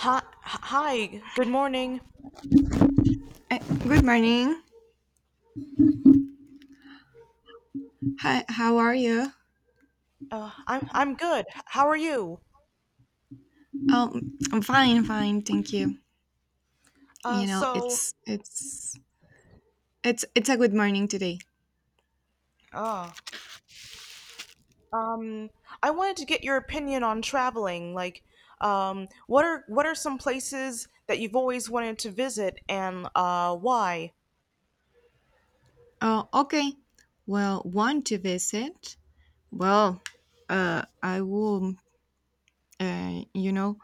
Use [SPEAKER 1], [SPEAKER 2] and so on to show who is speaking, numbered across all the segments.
[SPEAKER 1] Hi, hi. Good morning.
[SPEAKER 2] Uh, Good morning. Hi, how are you?
[SPEAKER 1] I'm good. How are you?
[SPEAKER 2] I'm fine, fine, thank you. You
[SPEAKER 1] Uh,
[SPEAKER 2] know,
[SPEAKER 1] so,
[SPEAKER 2] it's a good morning today.
[SPEAKER 1] uh, um, I wanted to get your opinion on traveling. What are some places that you've always wanted to visit, and why?
[SPEAKER 2] Oh, okay. Well, want to visit? Well, I will, uh, you know,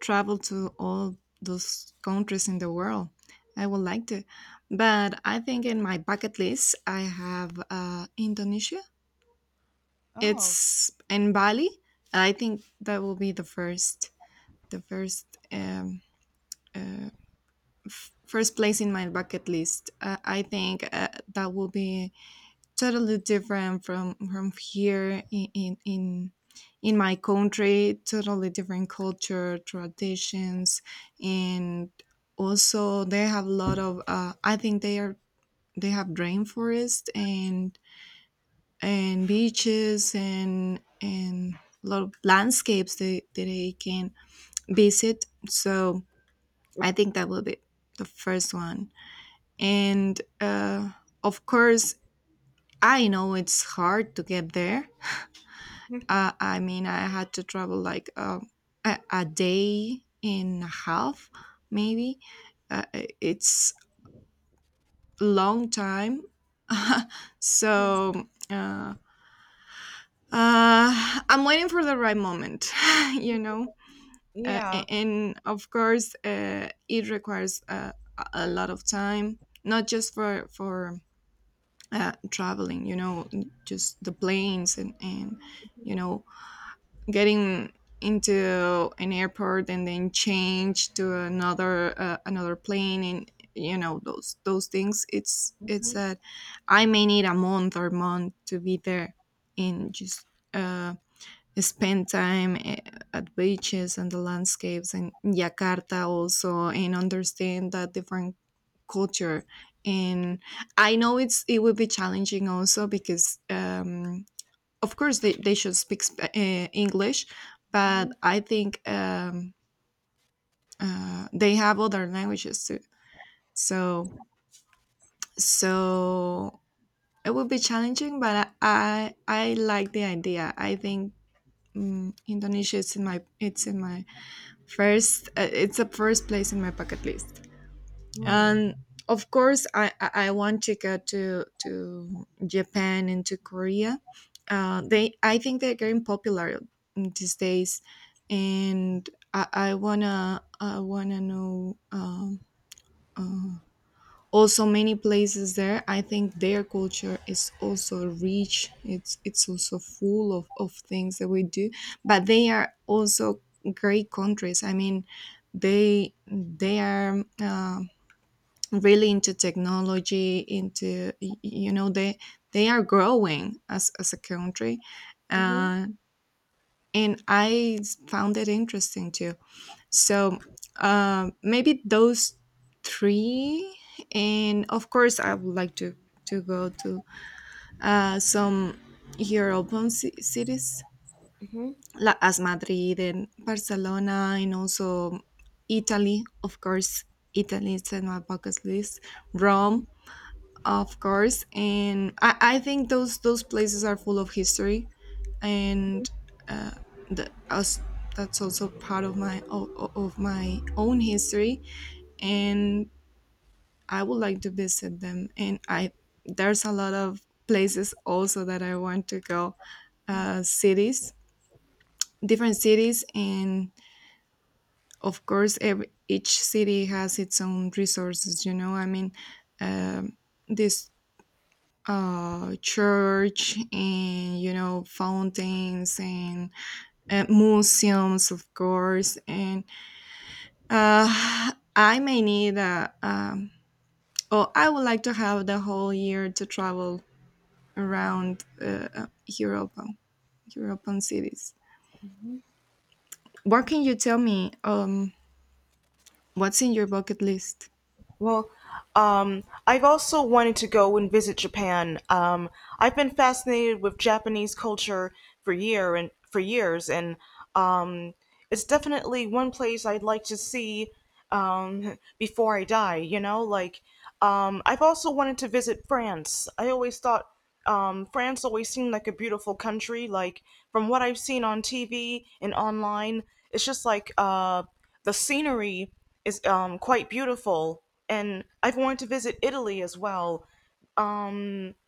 [SPEAKER 2] travel to all those countries in the world. I would like to, but I think in my bucket list I have Indonesia.
[SPEAKER 1] Oh,
[SPEAKER 2] It's in Bali. I think that will be the uh, first place in my bucket list. I think that will be totally different from here in my country, totally different culture, traditions, and also they have a lot of. I think they have rainforest and beaches and a lot of landscapes that they can visit. So I think that will be the first one. And of course, I know it's hard to get there.
[SPEAKER 1] mhm,
[SPEAKER 2] I mean, I had to travel like a day and a half, maybe. Uh, it's a long time.
[SPEAKER 1] mhm,
[SPEAKER 2] So I'm waiting for the right moment, you know.
[SPEAKER 1] yeah.
[SPEAKER 2] And of course, it requires a lot of time, not just for traveling, you know, just the planes and, you know, getting into an airport and then change to another another plane, and you know those things, it's
[SPEAKER 1] Mm-hmm.
[SPEAKER 2] that I may need a month or month to be there and just uh spend time at beaches and the landscapes and Jakarta also, and understand that different culture. And I know it will be challenging also because of course they should speak English, but I think they have other languages too, so so it will be challenging, but I like the idea. I think Indonesia is in my it's in my first, it's the first place in my bucket list,
[SPEAKER 1] Mm-hmm.
[SPEAKER 2] and of course, I want to go to Japan and to Korea. They I think they're getting popular these days, and I wanna know uh, also many places there. I think their culture is also rich, it's also full of things that we do, but they are also great countries. I mean they are really into technology, into you know, they are growing as a country.
[SPEAKER 1] Mm-hmm.
[SPEAKER 2] uh, and I found it interesting too. So maybe those three, and of course, I would like to go to some European cities, like as Madrid and Barcelona, and also Italy. Of course, Italy is in my bucket list. Rome, of course, and I think those places are full of history,
[SPEAKER 1] Mm-hmm.
[SPEAKER 2] and uh, the, us, that's also part of my of my own history, and I would like to visit them. And I there's a lot of places also that I want to go, cities, different cities, and of course, each city has its own resources. You know, I mean, um, this church, and you know fountains, and museums of course, and uh I may need a um Oh, I would like to have the whole year to travel around Europe, European cities. What can you tell me? What's in your bucket list?
[SPEAKER 1] Well, I've also wanted to go and visit Japan. I've been fascinated with Japanese culture for years, and um, it's definitely one place I'd like to see before I die. I've also wanted to visit France. I always thought France always seemed like a beautiful country. Like, from what I've seen on TV and online, it's just the scenery is quite beautiful. And I've wanted to visit Italy as well.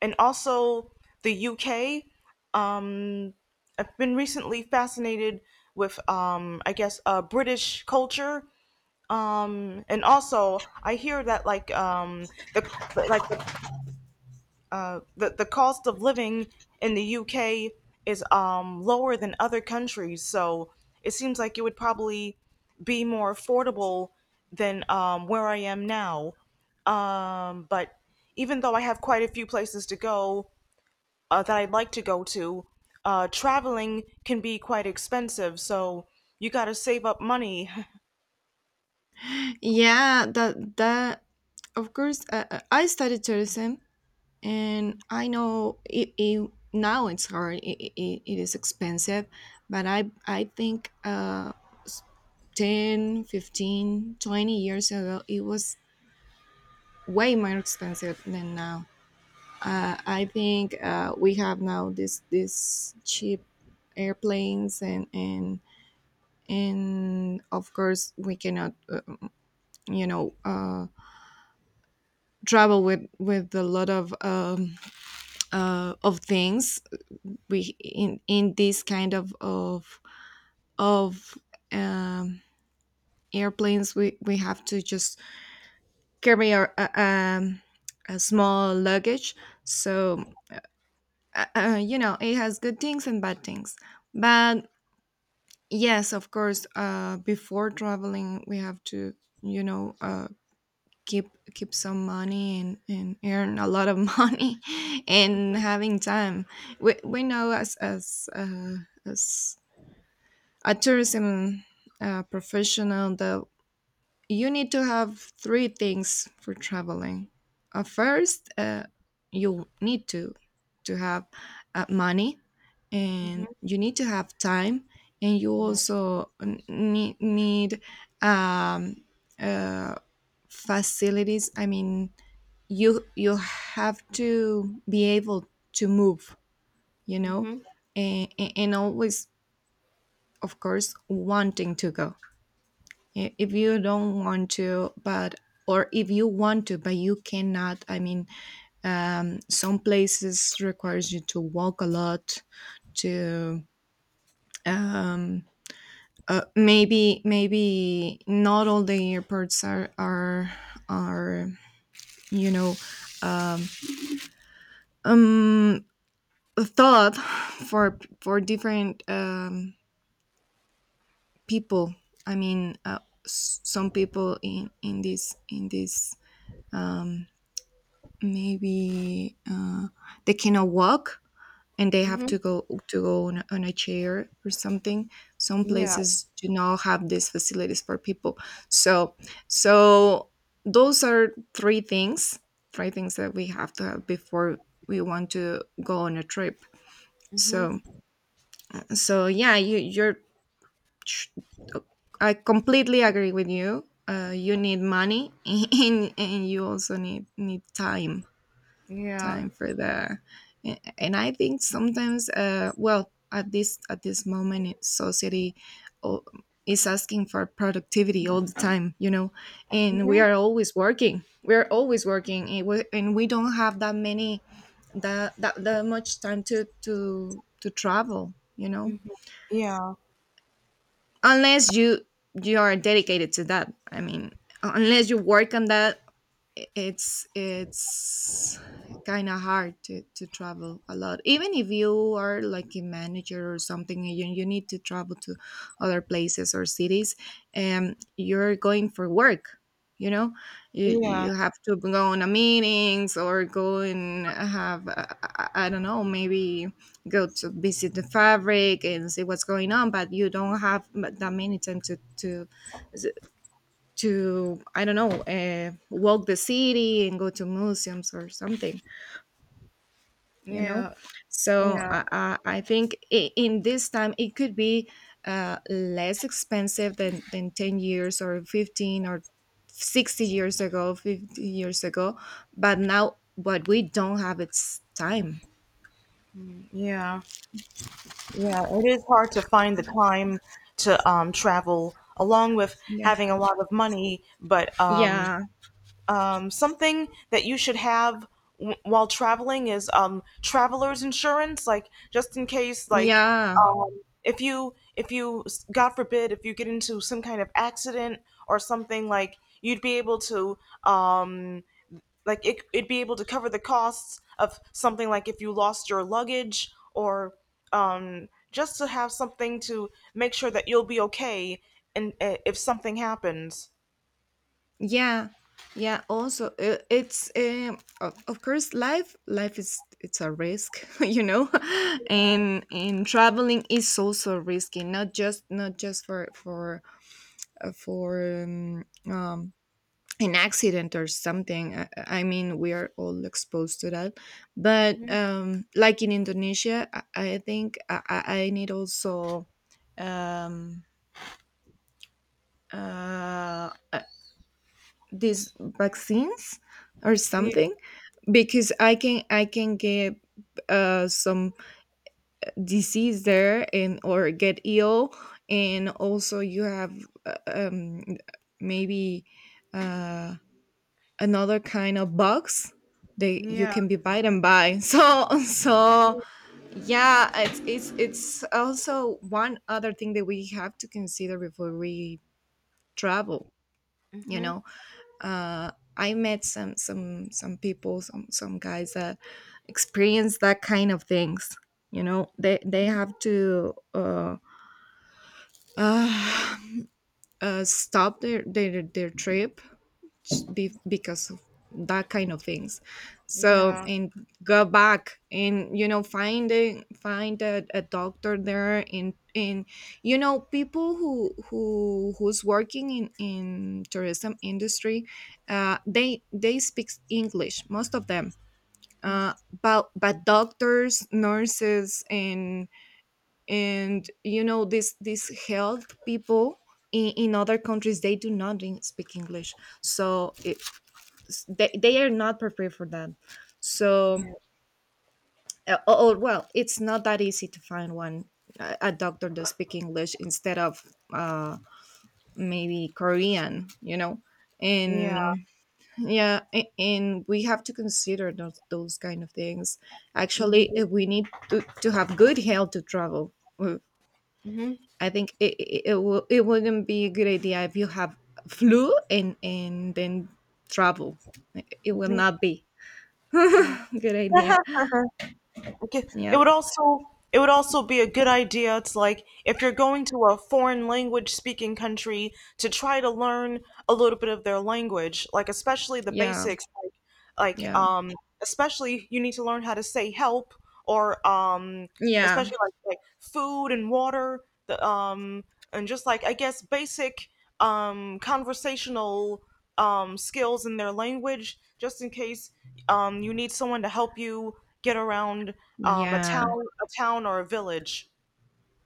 [SPEAKER 1] And also the UK. I've been recently fascinated with, British culture. And also, I hear that the the the cost of living in the UK is lower than other countries, so it seems like it would probably be more affordable than where I am now. But even though I have quite a few places to go that I'd like to go to, traveling can be quite expensive, so you got to save up money.
[SPEAKER 2] Yeah, that that of course. I studied tourism, and I know it's hard. It is expensive, but I think s- 10, 15, 20 years ago it was way more expensive than now. I think we have now this cheap airplanes and of course we cannot you know uh, travel with a lot of things. We in this kind of um, airplanes we have to just carry our a small luggage, so you know, it has good things and bad things, but yes, of course. Before traveling, we have to, you know, keep keep some money, and earn a lot of money, and having time. We know as as a tourism professional that you need to have three things for traveling. First, you need to have money,
[SPEAKER 1] Hmm.
[SPEAKER 2] and you need to have time, and you also need um, uh, facilities. I mean, you have to be able to move, you know,
[SPEAKER 1] Hmm.
[SPEAKER 2] and, and always, of course, wanting to go. If you don't want to, but or if you want to but you cannot, I mean some places requires you to walk a lot to um, maybe maybe not all the airports are are you know um, um thought for different people. I mean some people in this um, maybe they cannot walk, and they have
[SPEAKER 1] Hmm.
[SPEAKER 2] to go on, on a chair or something. Some
[SPEAKER 1] Yeah.
[SPEAKER 2] places do not have these facilities for people, so so those are three things, three things that we have to have before we want to go on a trip. So so yeah, you're tr- I completely agree with you. You need money and you also need time,
[SPEAKER 1] Yeah.
[SPEAKER 2] time for the and I think sometimes, well, at this moment in society, o- is asking for productivity all the time, you know, and we
[SPEAKER 1] Mhm,
[SPEAKER 2] are always working, we are always working, and and we don't have that many, that much time to to travel, you know,
[SPEAKER 1] mhm. Yeah,
[SPEAKER 2] unless you you are dedicated to that, I mean, unless you work on that, it's kind of hard to travel a lot, even if you are like a manager or something, and you need to travel to other places or cities, and you're going for work, you know,
[SPEAKER 1] yeah,
[SPEAKER 2] you have to go on a meetings, or go and have, I don't know, maybe go to visit the fabric and see what's going on, but you don't have that many time to to to I don't know, walk the city and go to museums or something, you know.
[SPEAKER 1] yeah,
[SPEAKER 2] So
[SPEAKER 1] yeah,
[SPEAKER 2] I think in this time it could be less expensive than 10 years or 15 or 60 years ago, 50 years ago. But now what we don't have it's time.
[SPEAKER 1] yeah, yeah. It is hard to find the time to travel, along with
[SPEAKER 2] Yeah,
[SPEAKER 1] having a lot of money. But
[SPEAKER 2] yeah,
[SPEAKER 1] something that you should have while traveling is traveler's insurance, like just in case, like
[SPEAKER 2] yeah,
[SPEAKER 1] um, if you God forbid if you get into some kind of accident or something, like you'd be able to. Um, like it'd be able to cover the costs of something like if you lost your luggage or just to have something to make sure that you'll be okay and if something happens.
[SPEAKER 2] yeah, yeah, also it's of course, life is it's a risk you know, and traveling is also risky, not just, not just for um an accident or something. I mean, we are all exposed to that, but
[SPEAKER 1] Mm-hmm.
[SPEAKER 2] like in indonesia, I think I, I need also um uh uh, these vaccines or
[SPEAKER 1] Ye-
[SPEAKER 2] something, because I can get some disease there, and or get ill. And also you have uh, um maybe uh another kind of bugs that you
[SPEAKER 1] yeah.
[SPEAKER 2] can be bitten by so so yeah, it's also one other thing that we have to consider before we travel, you
[SPEAKER 1] Mm-hmm.
[SPEAKER 2] know. I met some people, some guys that experience that kind of things. You know, they have to uh, stop their trip, because of that kind of things. So
[SPEAKER 1] Yeah,
[SPEAKER 2] and go back, and you know, find a find a doctor there, and, you know, people who who's working in tourism industry, they speak english, most of them. uh but doctors, nurses, and, you know, this health people in other countries, they do not speak english, so they are not prepared for that. So
[SPEAKER 1] yeah,
[SPEAKER 2] oh oh, well, it's not that easy to find one, a doctor that speak english instead of uh maybe korean, you know.
[SPEAKER 1] yeah.
[SPEAKER 2] And yeah, and we have to consider those kind of things.
[SPEAKER 1] We
[SPEAKER 2] Actually,
[SPEAKER 1] do.
[SPEAKER 2] we need to have good health to travel. Uh,
[SPEAKER 1] Mm-hmm.
[SPEAKER 2] I think it wouldn't be a good idea if you have flu, and then travel, it will
[SPEAKER 1] Mm-hmm.
[SPEAKER 2] not be good idea.
[SPEAKER 1] Okay. It
[SPEAKER 2] Yeah,
[SPEAKER 1] would also it would also be a good idea to, like, if you're going to a foreign language speaking country, to try to learn a little bit of their language, like especially the
[SPEAKER 2] yeah,
[SPEAKER 1] basics, like like
[SPEAKER 2] yeah,
[SPEAKER 1] um especially you need to learn how to say help or
[SPEAKER 2] yeah,
[SPEAKER 1] especially like food and water, the and just like, I guess, basic conversational skills in their language, just in case you need someone to help you get around um a
[SPEAKER 2] yeah,
[SPEAKER 1] town a town or a village.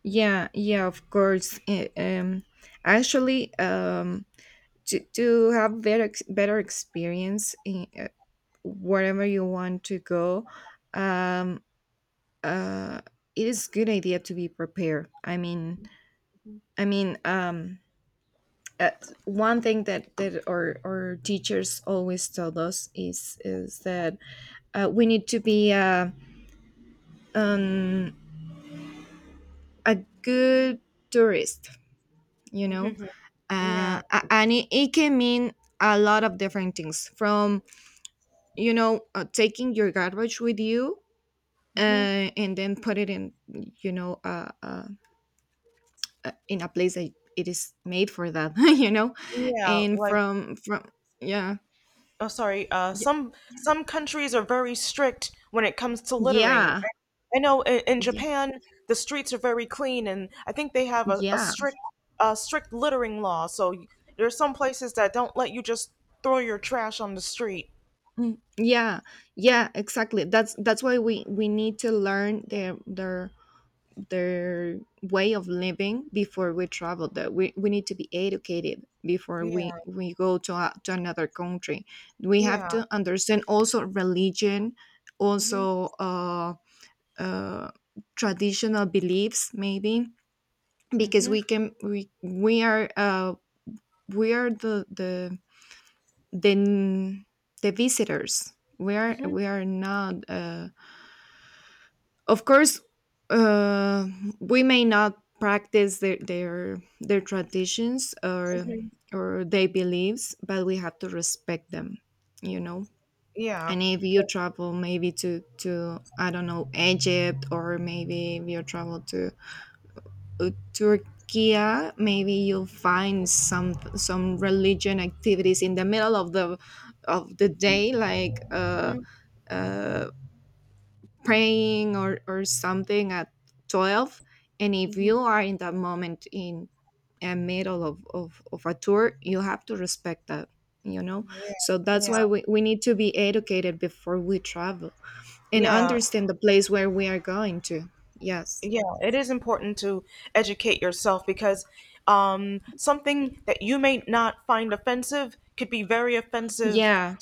[SPEAKER 2] yeah, yeah. Of course. Actually, to have better better experience in wherever you want to go, um, uh, it is good idea to be prepared. I mean, um. Uh, one thing that, that our teachers always told us is that we need to be um, a good tourist, you know?
[SPEAKER 1] Mhm. Yeah.
[SPEAKER 2] And it can mean a lot of different things from, taking your garbage with you,
[SPEAKER 1] Hmm.
[SPEAKER 2] uh, and then put it in, you know, uh, uh, in a place that it is made for that, you know?
[SPEAKER 1] Yeah,
[SPEAKER 2] And
[SPEAKER 1] like
[SPEAKER 2] from yeah, y-
[SPEAKER 1] some countries are very strict when it comes to littering.
[SPEAKER 2] yeah,
[SPEAKER 1] I know in
[SPEAKER 2] yeah.
[SPEAKER 1] Japan the streets are very clean, and I think they have a
[SPEAKER 2] Yeah.
[SPEAKER 1] strict littering law. So there are some places that don't let you just throw your trash on the street.
[SPEAKER 2] Mm, yeah, yeah, exactly. That's why we need to learn their way of living before we travel there. We need to be educated before
[SPEAKER 1] Yeah,
[SPEAKER 2] we go to another country. We have
[SPEAKER 1] yeah.
[SPEAKER 2] to understand also religion,
[SPEAKER 1] Mhm.
[SPEAKER 2] also uh, traditional beliefs maybe, because
[SPEAKER 1] Mhm.
[SPEAKER 2] we are, we are the, the visitors. we are
[SPEAKER 1] Mhm.
[SPEAKER 2] we are not, of course, uh, we may not practice their traditions or
[SPEAKER 1] Mhm.
[SPEAKER 2] their beliefs, but we have to respect them, you know.
[SPEAKER 1] Yeah.
[SPEAKER 2] And if you
[SPEAKER 1] Because,
[SPEAKER 2] travel maybe to, I don't know, Egypt, or maybe if you travel to, Turkey, maybe you'll find some religion activities in the middle of the day, like,
[SPEAKER 1] mhm.
[SPEAKER 2] uh, praying, or something at 12. And if
[SPEAKER 1] Mhm.
[SPEAKER 2] you are in that moment in a middle of a tour, you have to respect that, you know.
[SPEAKER 1] Yeah.
[SPEAKER 2] So that's
[SPEAKER 1] Yeah.
[SPEAKER 2] why we need to be educated before we travel and
[SPEAKER 1] Yeah.
[SPEAKER 2] understand the place where we are going to. Yes.
[SPEAKER 1] Yeah, it is important to educate yourself because something that you may not find offensive could be very offensive
[SPEAKER 2] Yeah.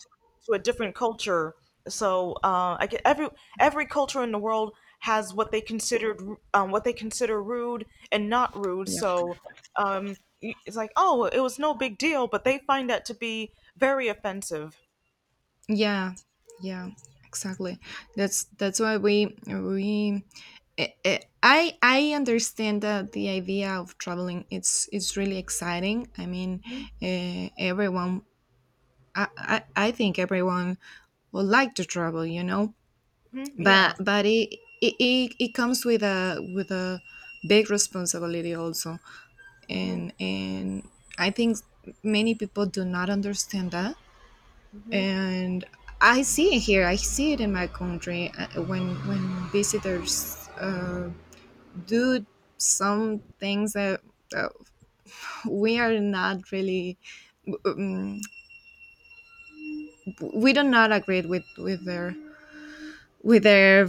[SPEAKER 1] to a different culture. So I get every culture in the world has what they considered what they consider rude and not rude. So um, it's like, oh, it was no big deal, but they find that to be very offensive.
[SPEAKER 2] Yeah, yeah, exactly. That's why we I understand that the idea of traveling, it's really exciting. I mean,
[SPEAKER 1] Hmm.
[SPEAKER 2] everyone, I think everyone would like to travel, you know,
[SPEAKER 1] Hmm. Yeah.
[SPEAKER 2] but it comes with a big responsibility also, and
[SPEAKER 1] Hmm.
[SPEAKER 2] I think many people do not understand that.
[SPEAKER 1] Hmm.
[SPEAKER 2] And I see it here. I see it in my country, when visitors, do some things that, that we are not really, um, we do not agree with their,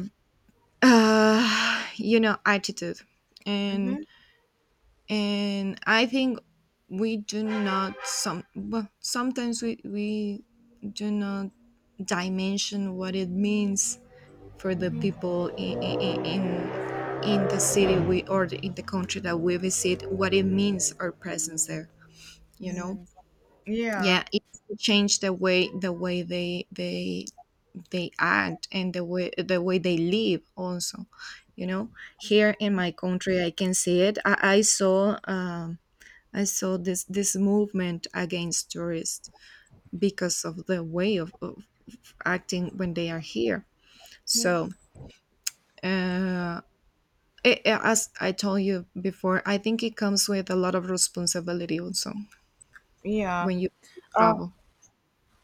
[SPEAKER 2] attitude, and
[SPEAKER 1] Hmm.
[SPEAKER 2] I think we do not, some well, sometimes we do not dimension what it means for the
[SPEAKER 1] Hmm.
[SPEAKER 2] people in the city, in the country that we visit, what it means our presence there, you know.
[SPEAKER 1] Mm. Yeah.
[SPEAKER 2] Yeah, it changed the way they act, and the way they live also, you know. Here in my country I can see it. I saw this movement against tourists, because of the way of acting when they are here. So, uh, as I told you before, I think it comes with a lot of responsibility also
[SPEAKER 1] Yeah.
[SPEAKER 2] when you travel.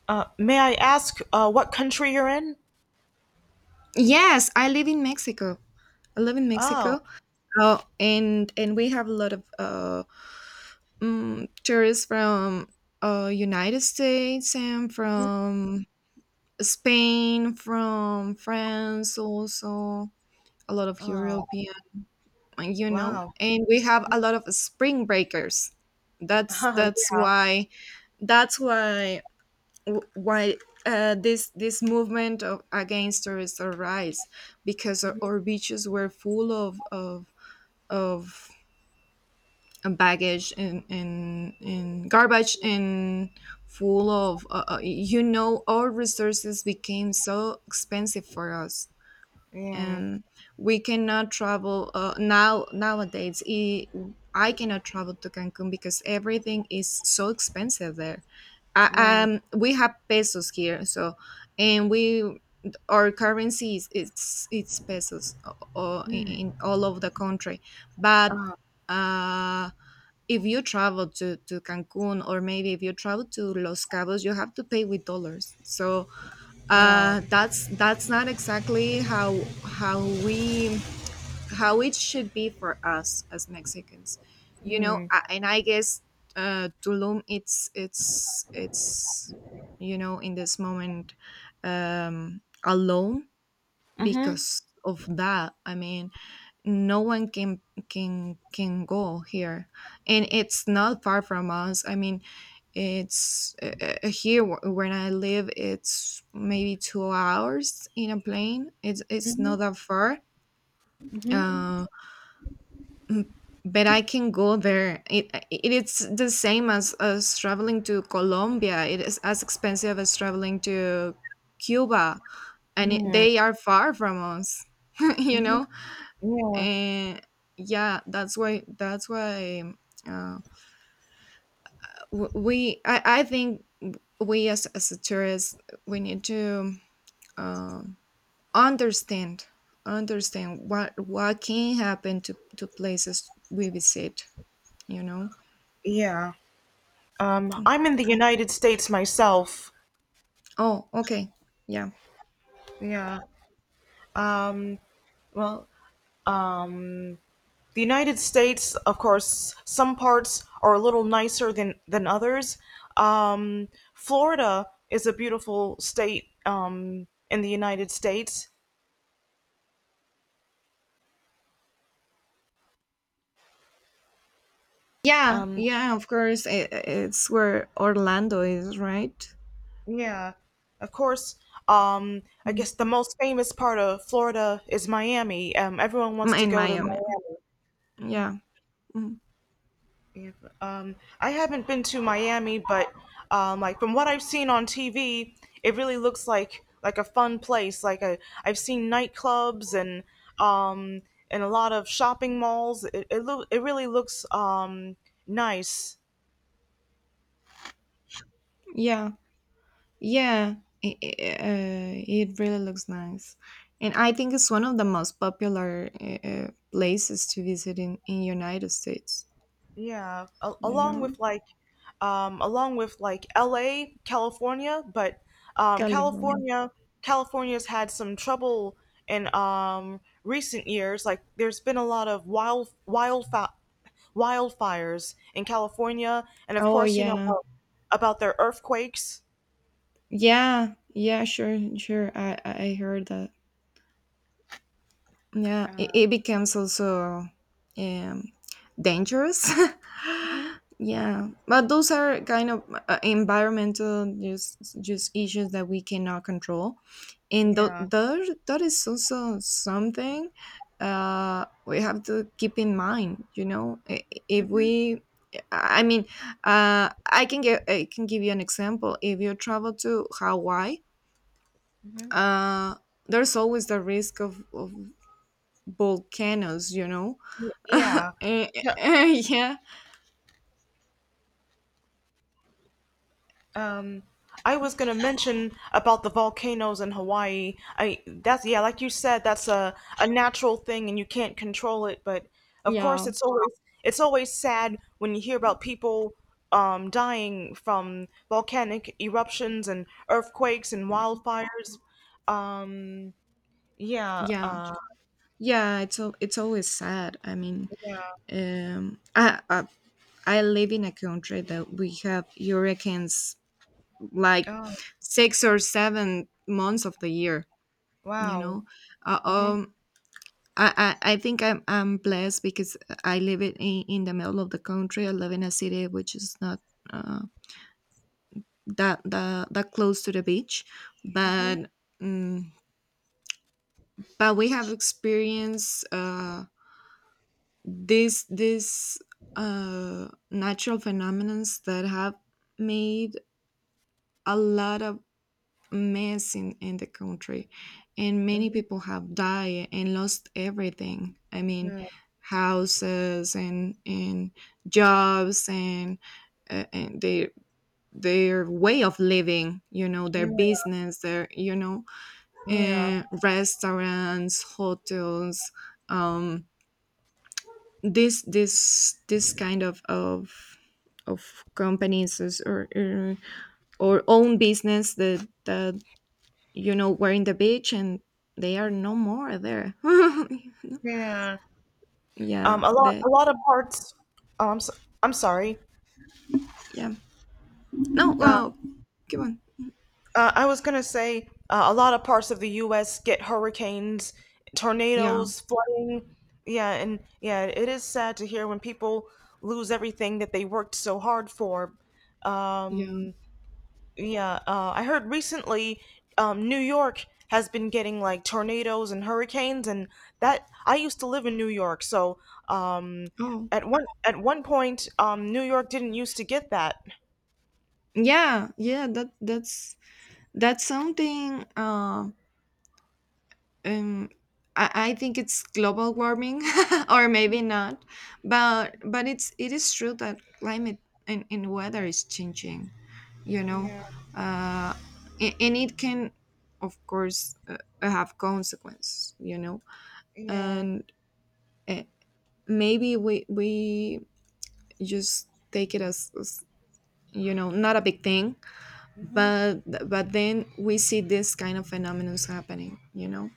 [SPEAKER 1] May I ask what country you're in?
[SPEAKER 2] Yes, I live in Mexico. I live in
[SPEAKER 1] Oh.
[SPEAKER 2] Mexico, and we have a lot of, tourists from, United States, and from Spain, from France, also a lot of
[SPEAKER 1] Oh.
[SPEAKER 2] European, you know,
[SPEAKER 1] Wow.
[SPEAKER 2] and we have a lot of spring breakers. That's
[SPEAKER 1] Oh,
[SPEAKER 2] that's
[SPEAKER 1] yeah.
[SPEAKER 2] why that's why this movement against tourists arise, because our beaches were full of, baggage, and garbage, and full of, you know, our resources became so expensive for us.
[SPEAKER 1] Yeah.
[SPEAKER 2] And we cannot travel, now nowadays I cannot travel to Cancun because everything is so expensive there.
[SPEAKER 1] Yeah.
[SPEAKER 2] We have pesos here, so, and we our currency is it's pesos,
[SPEAKER 1] Mm.
[SPEAKER 2] in all of the country. But,
[SPEAKER 1] Uh,
[SPEAKER 2] uh, if you travel to Cancun or maybe if you travel to Los Cabos, you have to pay with dollars. So,
[SPEAKER 1] wow.
[SPEAKER 2] that's not exactly how it should be for us as Mexicans, you know.
[SPEAKER 1] Mm.
[SPEAKER 2] And I guess, Tulum, it's, in this moment, alone
[SPEAKER 1] Mhm.
[SPEAKER 2] because of that. I mean, no one can go here, and it's not far from us. I mean, it's, here, when I live. It's maybe 2 hours in a plane. It's not
[SPEAKER 1] Mhm.
[SPEAKER 2] that far.
[SPEAKER 1] Hmm.
[SPEAKER 2] Uh, but I can go there. It's the same as traveling to Colombia. It is as expensive as traveling to Cuba, and,
[SPEAKER 1] Mm.
[SPEAKER 2] they are far from us, you
[SPEAKER 1] Mhm.
[SPEAKER 2] know.
[SPEAKER 1] Yeah.
[SPEAKER 2] And yeah, uh, we, I think, we as a tourist, we need to, um, understand, what can happen to places we visit, you know.
[SPEAKER 1] Yeah. I'm in the United States myself.
[SPEAKER 2] Oh, okay. Yeah.
[SPEAKER 1] Yeah. Um, well, the United States, of course, some parts are a little nicer than others. Um, Florida is a beautiful state in the United States.
[SPEAKER 2] Yeah,
[SPEAKER 1] Um,
[SPEAKER 2] yeah, of course. It's where Orlando is, right?
[SPEAKER 1] yeah, of course. I
[SPEAKER 2] Mm.
[SPEAKER 1] guess the most famous part of Florida is Miami. Everyone wants to
[SPEAKER 2] In
[SPEAKER 1] go to
[SPEAKER 2] Miami.
[SPEAKER 1] Miami.
[SPEAKER 2] Yeah. Mhm.
[SPEAKER 1] Yeah, I haven't been to Miami, but like from what I've seen on TV, it really looks like a fun place. I've seen nightclubs um, and a lot of shopping malls. It really looks nice.
[SPEAKER 2] Yeah. Yeah. It really looks nice. And I think it's one of the most popular, places to visit in United States,
[SPEAKER 1] Yeah,
[SPEAKER 2] you
[SPEAKER 1] along
[SPEAKER 2] know?
[SPEAKER 1] with along with like L.A., California, but um,
[SPEAKER 2] California.
[SPEAKER 1] California, California's had some trouble in recent years. Like, there's been a lot of wildfires in California, and of
[SPEAKER 2] Oh,
[SPEAKER 1] course, you know
[SPEAKER 2] yeah.
[SPEAKER 1] about their earthquakes.
[SPEAKER 2] Yeah. Yeah, sure, sure. I heard that. Yeah,
[SPEAKER 1] Uh,
[SPEAKER 2] it becomes also, um, dangerous.
[SPEAKER 1] mhm.
[SPEAKER 2] Yeah, but those are kind of, environmental, just issues that we cannot control, and, th-
[SPEAKER 1] Yeah.
[SPEAKER 2] there that is also something, we have to keep in mind. You know, if
[SPEAKER 1] Hmm.
[SPEAKER 2] we, I mean, I can give you an example. If you travel to Hawaii,
[SPEAKER 1] Hmm.
[SPEAKER 2] uh, there's always the risk of volcanoes, you know.
[SPEAKER 1] Yeah.
[SPEAKER 2] Eh, yeah,
[SPEAKER 1] Um, I was gonna mention about the volcanoes in Hawaii. I that's yeah, like you said, that's a natural thing and you can't control it. But of course,
[SPEAKER 2] yeah,
[SPEAKER 1] it's always sad when you hear about people dying from volcanic eruptions and earthquakes and wildfires. Um, yeah,
[SPEAKER 2] yeah, yeah, it's always sad, I mean,
[SPEAKER 1] yeah.
[SPEAKER 2] um I, I I live in a country that we have hurricanes, like
[SPEAKER 1] Oh,
[SPEAKER 2] 6 or 7 months of the year, you
[SPEAKER 1] wow.
[SPEAKER 2] know. uh,
[SPEAKER 1] Hmm.
[SPEAKER 2] um I, I think, I'm blessed because I live in the middle of the country. I live in a city which is not, uh, that close to the beach,
[SPEAKER 1] Hmm.
[SPEAKER 2] but, mm but we have experienced, these, natural phenomenons that have made a lot of mess in the country, and many
[SPEAKER 1] Hmm.
[SPEAKER 2] people have died and lost everything, I mean,
[SPEAKER 1] Yeah,
[SPEAKER 2] houses and jobs, and, and their way of living, you know, their
[SPEAKER 1] yeah,
[SPEAKER 2] business, their,
[SPEAKER 1] yeah,
[SPEAKER 2] restaurants, hotels, um this kind of companies, or own business that, you know, were in the beach, and they are
[SPEAKER 1] mm,
[SPEAKER 2] no more there.
[SPEAKER 1] yeah.
[SPEAKER 2] Yeah, that,
[SPEAKER 1] A lot of parts. Oh, I'm, so, I'm sorry.
[SPEAKER 2] yeah, no,
[SPEAKER 1] Uh,
[SPEAKER 2] well, come on.
[SPEAKER 1] I was gonna say a lot of parts of the U.S. get hurricanes,
[SPEAKER 2] Yeah,
[SPEAKER 1] tornadoes, flooding. Yeah, and yeah, it is sad to hear when people lose everything that they worked so hard for.
[SPEAKER 2] yeah.
[SPEAKER 1] Um, Yeah, I heard recently New York has been getting like tornadoes and hurricanes, and that I used to live in New York, so um,
[SPEAKER 2] Oh,
[SPEAKER 1] at one point New York didn't used to get that.
[SPEAKER 2] yeah, yeah. That's something, um I think it's global warming, or maybe not, but it is true that climate and, weather is changing, you know,
[SPEAKER 1] Yeah,
[SPEAKER 2] uh and it can, of course, have consequences, you know,
[SPEAKER 1] yeah,
[SPEAKER 2] and, uh, maybe we just take it as, you know, not a big thing,
[SPEAKER 1] hmm,
[SPEAKER 2] but then we see this kind of phenomena happening, you know,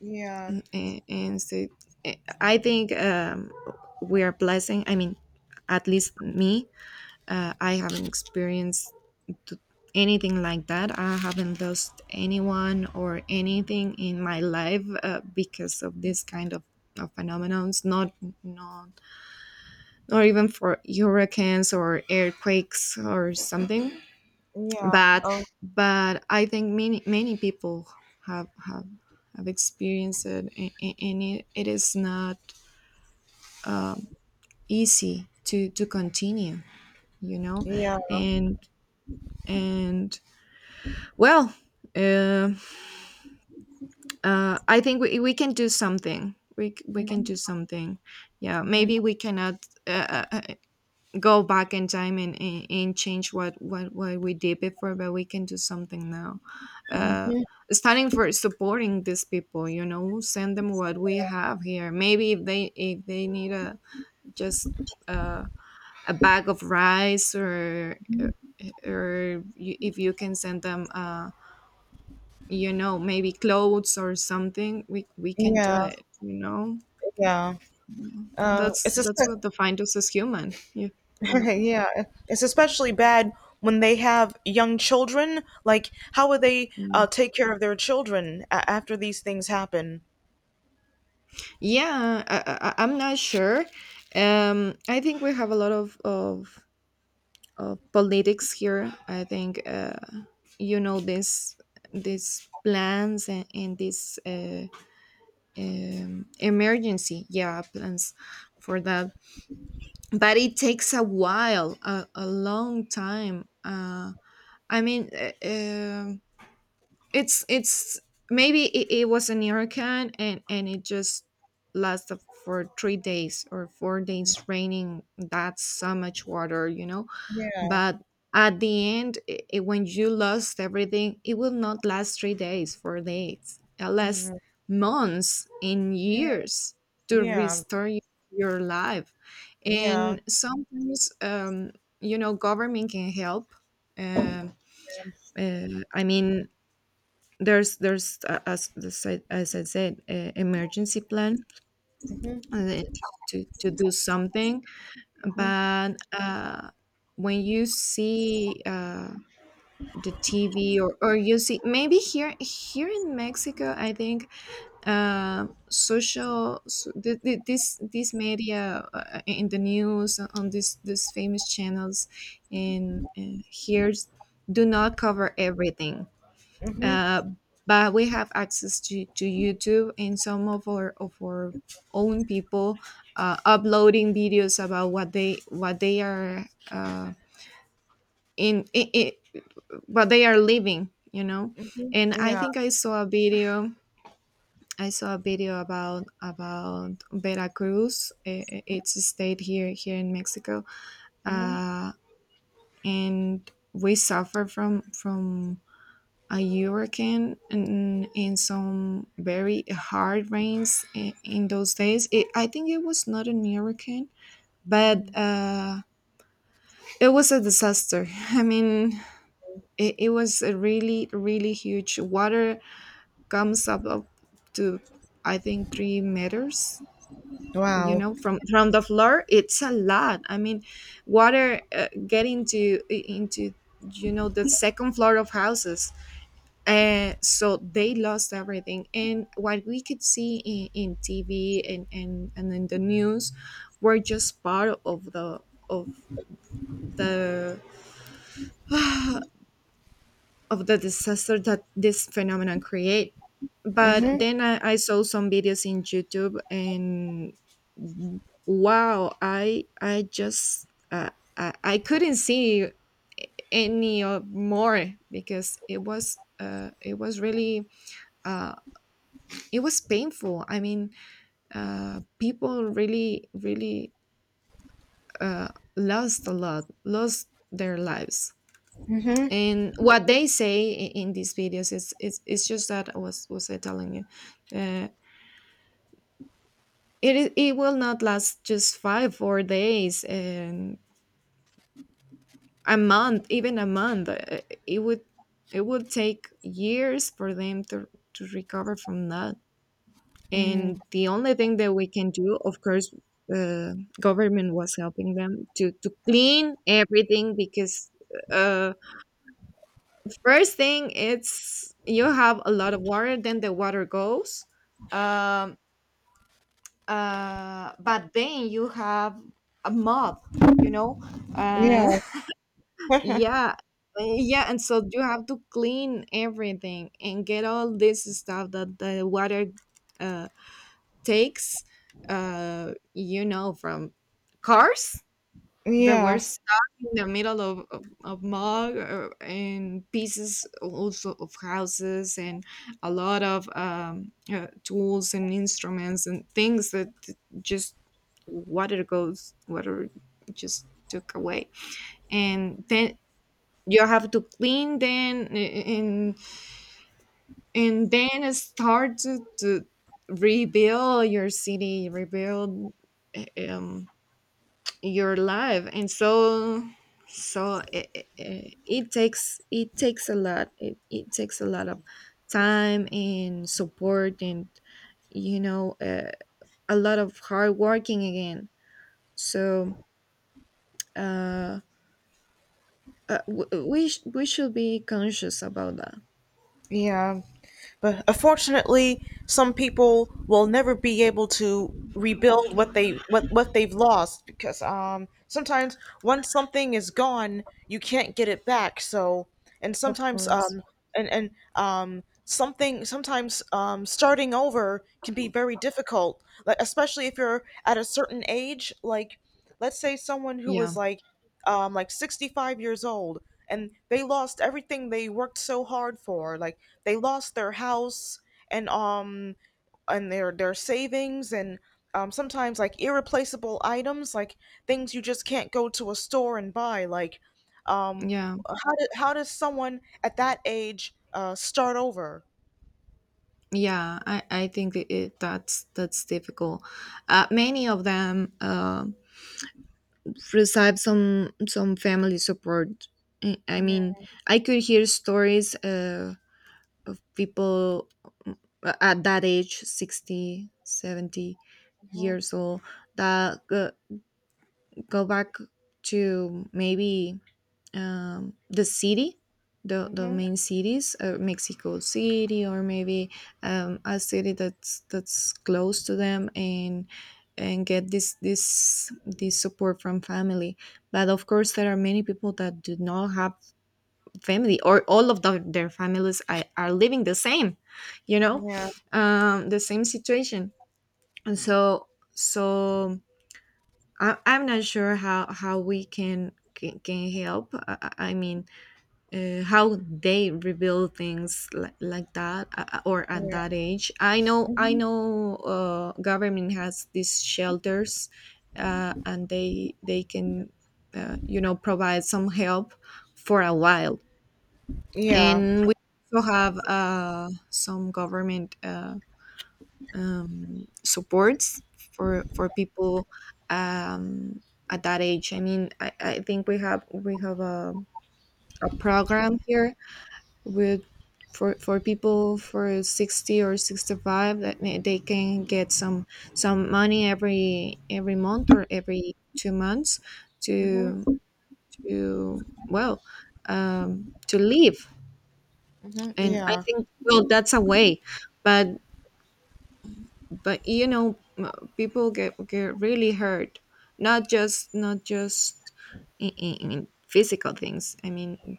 [SPEAKER 1] yeah,
[SPEAKER 2] and, so, eh, I think, we are blessing. I mean, at least me, I haven't experienced, t- anything like that. I haven't lost anyone or anything in my life, because of this kind of phenomenons, not not even for hurricanes or earthquakes or something,
[SPEAKER 1] yeah,
[SPEAKER 2] but
[SPEAKER 1] oh,
[SPEAKER 2] I think, many people have have have experienced it, and it is not, um, easy to continue, you know,
[SPEAKER 1] yeah,
[SPEAKER 2] and and well, uh, I think, we can do something. We can do something. Yeah, maybe we cannot, uh, uh, uh, go back in time, and, and change what, what we did before, but we can do something now, uh, standing for, supporting these people, you know. Send them what we have here. Maybe if they, need a, just, Uh, a bag of rice, or you, if you can send them, you know, maybe clothes or something, we can do
[SPEAKER 1] yeah,
[SPEAKER 2] it, you know.
[SPEAKER 1] yeah. Uh, it's
[SPEAKER 2] That's what
[SPEAKER 1] espe-
[SPEAKER 2] defines us as human, you know.
[SPEAKER 1] yeah, it's especially bad when they have young children. Like, how would they
[SPEAKER 2] Mm.
[SPEAKER 1] take care of their children after these things happen?
[SPEAKER 2] Yeah, I'm not sure, I think we have a lot of politics here. I think, you know, this these plans, and, these, emergency, yeah, plans for that, but it takes a while, a long time, I mean, it's, maybe, it was an hurricane, and it just lasted for 3 days or 4 days raining. That's so much water, you know.
[SPEAKER 1] Yeah.
[SPEAKER 2] But at the end, when you lost everything, it will not last 3 days, 4 days. It lasts
[SPEAKER 1] Yeah,
[SPEAKER 2] months and years to
[SPEAKER 1] yeah,
[SPEAKER 2] restore your life.
[SPEAKER 1] yeah.
[SPEAKER 2] And sometimes, you know, government can help. Uh, uh, I mean, there's as I said, emergency plan, uh, to do something, but, when you see. The TV or you see maybe here in Mexico, I think social so this media in the news on this these famous channels in here do not cover everything.
[SPEAKER 1] Mm-hmm,
[SPEAKER 2] uh, but we have access to YouTube and some of our own people uploading videos about what they are uh, in, but they are living.
[SPEAKER 1] mm-hmm,
[SPEAKER 2] And I
[SPEAKER 1] yeah.
[SPEAKER 2] think I saw a video I saw a video about Veracruz. It's a state here in Mexico.
[SPEAKER 1] Mm-hmm.
[SPEAKER 2] uh, and we suffer from a hurricane and in some very hard rains in those days. I think it was not a hurricane, but it was a disaster. I mean, it was a really really huge water, comes up to, I think, 3 meters. You
[SPEAKER 1] Wow.
[SPEAKER 2] know, from the floor, it's a lot. I mean, water getting to, into, you know, the second floor of houses, and so they lost everything. And what we could see in TV and, and in the news were just part of the of the disaster that this phenomenon create. But
[SPEAKER 1] Mm-hmm,
[SPEAKER 2] then I saw some videos in YouTube, and wow, I just I couldn't see any more because it was really uh, it was painful. I mean, people really really uh, lost a lot lost their lives.
[SPEAKER 1] mm-hmm,
[SPEAKER 2] And what they say in these videos is it's just that I was I telling you, uh, it will not last just 5 4 days and a month, even a month. It would, it would take years for them to recover from that.
[SPEAKER 1] mm-hmm.
[SPEAKER 2] And the only thing that we can do, of course, uh, government was helping them to clean everything because, Uh, first thing, it's you have a lot of water, then the water goes. Um, but then you have a mob, you know? Uh,
[SPEAKER 1] Yeah,
[SPEAKER 2] yeah. Yeah, and so you have to clean everything and get all this stuff that the water uh, takes, you know, from cars that were
[SPEAKER 1] yeah.
[SPEAKER 2] stuck in the middle of mud or, and pieces also of houses and a lot of tools and instruments and things that just water just took away. And then you have to clean then, and then start to rebuild your city, rebuild um your life. And so so it takes, it takes a lot, it takes a lot of time and support and, you know, a lot of hard working again. So uh, we should be conscious about that.
[SPEAKER 1] Yeah. But unfortunately, some people will never be able to rebuild what they what they've lost because sometimes once something is gone, you can't get it back. So and
[SPEAKER 2] Of
[SPEAKER 1] sometimes
[SPEAKER 2] course.
[SPEAKER 1] and something sometimes starting over can be very difficult, like especially if you're at a certain age, like let's say someone who
[SPEAKER 2] yeah
[SPEAKER 1] was like 65 years old and they lost everything they worked so hard for, like they lost their house and um and their savings and sometimes like irreplaceable items, like things you just can't go to a store and buy, um
[SPEAKER 2] yeah
[SPEAKER 1] how, do, how does someone at that age start over.
[SPEAKER 2] yeah, I think it, it- that's difficult. Many of them receive some family support. I
[SPEAKER 1] Yeah.
[SPEAKER 2] mean, I could hear stories of people at that age, 60, 70 years old, that go, go back to maybe the city, the
[SPEAKER 1] Mm-hmm.
[SPEAKER 2] main cities, Mexico City, or maybe a city that's close to them, and get this support from family. But of course, there are many people that do not have family, or all of their families are living the same, you know,
[SPEAKER 1] Yeah.
[SPEAKER 2] the same situation, and so so. I'm not sure how we can can help. I mean, how they reveal things like that, or at
[SPEAKER 1] Yeah.
[SPEAKER 2] that age. I
[SPEAKER 1] Hmm.
[SPEAKER 2] know government has these shelters, and they can you know provide some help for a while.
[SPEAKER 1] Yeah.
[SPEAKER 2] And we also have some government supports for people um, at that age. I mean, I think we have a program here with for people for 60 or 65 that they can get some money every month or every 2 months to
[SPEAKER 1] Hmm.
[SPEAKER 2] to, well, to live. And I
[SPEAKER 1] Yeah.
[SPEAKER 2] think, well, that's a way. but but you know, people get really hurt, not just in physical things. I mean,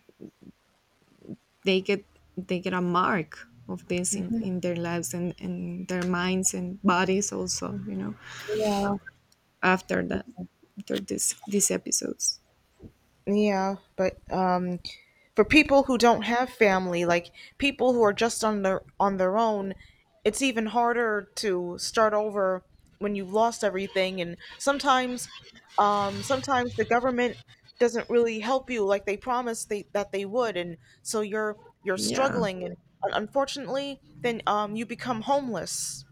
[SPEAKER 2] they get, they get a mark of this in their lives and their minds and bodies also, you know,
[SPEAKER 1] Yeah.
[SPEAKER 2] after that, after this these episodes.
[SPEAKER 1] yeah but for people who don't have family, like people who are just on their own, it's even harder to start over when you've lost everything. And sometimes, sometimes the government doesn't really help you like they promised that they would, and so you're
[SPEAKER 2] Yeah.
[SPEAKER 1] struggling. And unfortunately, then you become homeless.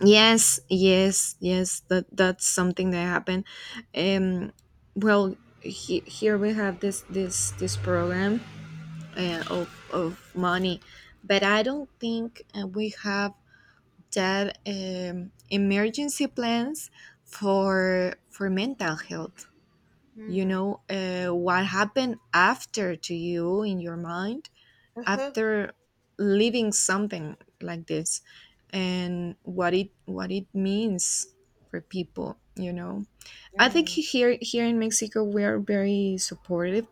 [SPEAKER 2] Yes, yes, yes, that that's something that happened. um well here we have this program of money, but I don't think we have that emergency plans for mental health, you know. What happened after to you in your mind
[SPEAKER 1] Uh-huh.
[SPEAKER 2] after leaving something like this, and what it means for people, you know. I think
[SPEAKER 1] Mm.
[SPEAKER 2] here in Mexico we are very supportive,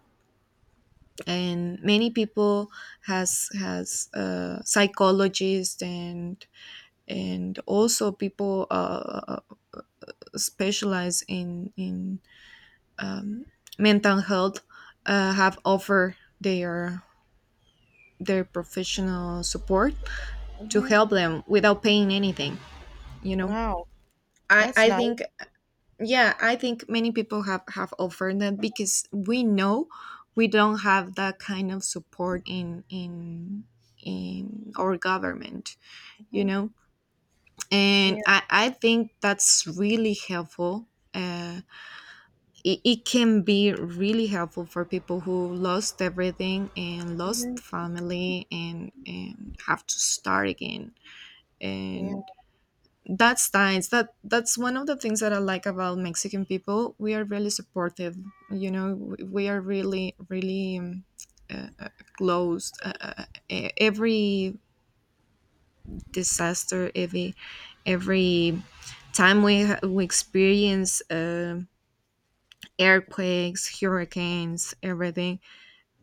[SPEAKER 2] and many people has psychologists, and also people specialize in um, mental health have offered their professional support to
[SPEAKER 1] Mhm.
[SPEAKER 2] help them without paying anything, you know.
[SPEAKER 1] Wow, that's
[SPEAKER 2] I
[SPEAKER 1] nice.
[SPEAKER 2] think Yeah, I think many people have offered that because we know we don't have that kind of support in our government, you
[SPEAKER 1] Hmm.
[SPEAKER 2] know. And
[SPEAKER 1] Yeah.
[SPEAKER 2] I think that's really helpful. uh it can be really helpful for people who lost everything and lost
[SPEAKER 1] Hmm.
[SPEAKER 2] family and have to start again.
[SPEAKER 1] Yeah.
[SPEAKER 2] And that's nice. That that's one of the things that I like about Mexican people. We are really supportive, you know. We are really really uh, uh, closed. Every disaster, every time we experience earthquakes, hurricanes, everything,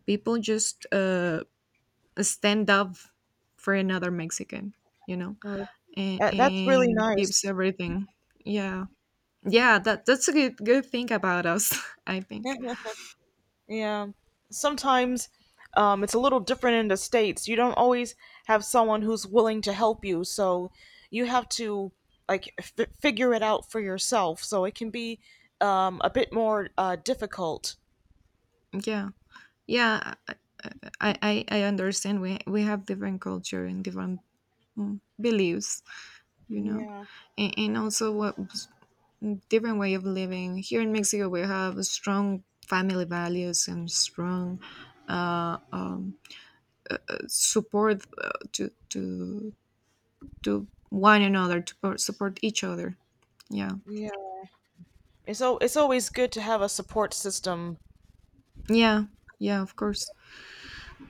[SPEAKER 2] people just stand up for another Mexican, you know,
[SPEAKER 1] Oh, that, that's really
[SPEAKER 2] and gives
[SPEAKER 1] nice.
[SPEAKER 2] everything. Yeah, yeah, that that's a good good thing about us, I think.
[SPEAKER 1] Yeah. Sometimes it's a little different in the States. You don't always have someone who's willing to help you, so you have to figure it out for yourself. So it can be a bit more difficult.
[SPEAKER 2] Yeah, yeah, I understand. We have different culture and different, beliefs, you know,
[SPEAKER 1] Yeah.
[SPEAKER 2] and also what, different way of living. Here in Mexico, we have strong family values and strong uh, um, support to one another, to support each other. Yeah,
[SPEAKER 1] Yeah. It's so it's always good to have a support system.
[SPEAKER 2] yeah, yeah, of course,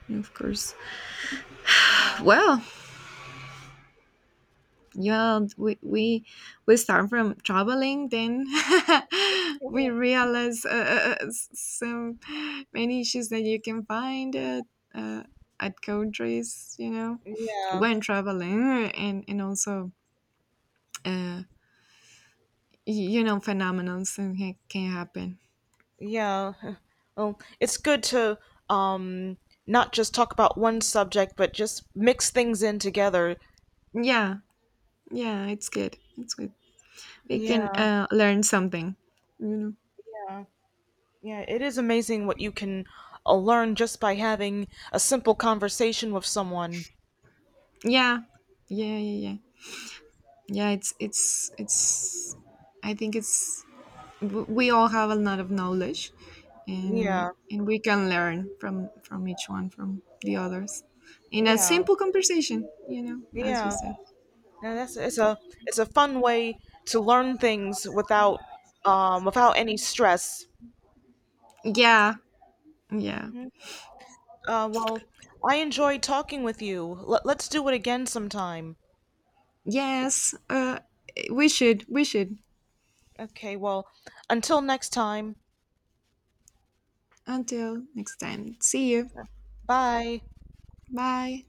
[SPEAKER 2] of course. Well, yeah, we start from traveling, then we realize so many issues that you can find uh, at countries, you know,
[SPEAKER 1] Yeah.
[SPEAKER 2] when traveling, and also, uh, you know, phenomenons and can happen.
[SPEAKER 1] Yeah. Well, it's good to um not just talk about one subject, but just mix things in together.
[SPEAKER 2] Yeah, yeah, it's good, it's good. We can
[SPEAKER 1] Yeah.
[SPEAKER 2] learn something, you know.
[SPEAKER 1] Yeah. Yeah, it is amazing what you can learn just by having a simple conversation with someone.
[SPEAKER 2] yeah yeah yeah yeah yeah, it's I think it's, we all have a lot of knowledge,
[SPEAKER 1] Yeah,
[SPEAKER 2] and we can learn from each one, from the others, in a
[SPEAKER 1] yeah,
[SPEAKER 2] simple conversation, you know, as you
[SPEAKER 1] yeah.
[SPEAKER 2] said.
[SPEAKER 1] And that's it's a fun way to learn things without without any stress.
[SPEAKER 2] Yeah yeah
[SPEAKER 1] Hmm. Well, I enjoyed talking with you. Let's do it again sometime.
[SPEAKER 2] yes, we should, we should.
[SPEAKER 1] Okay, well, until next time.
[SPEAKER 2] Until next time, see you.
[SPEAKER 1] Bye.
[SPEAKER 2] Bye.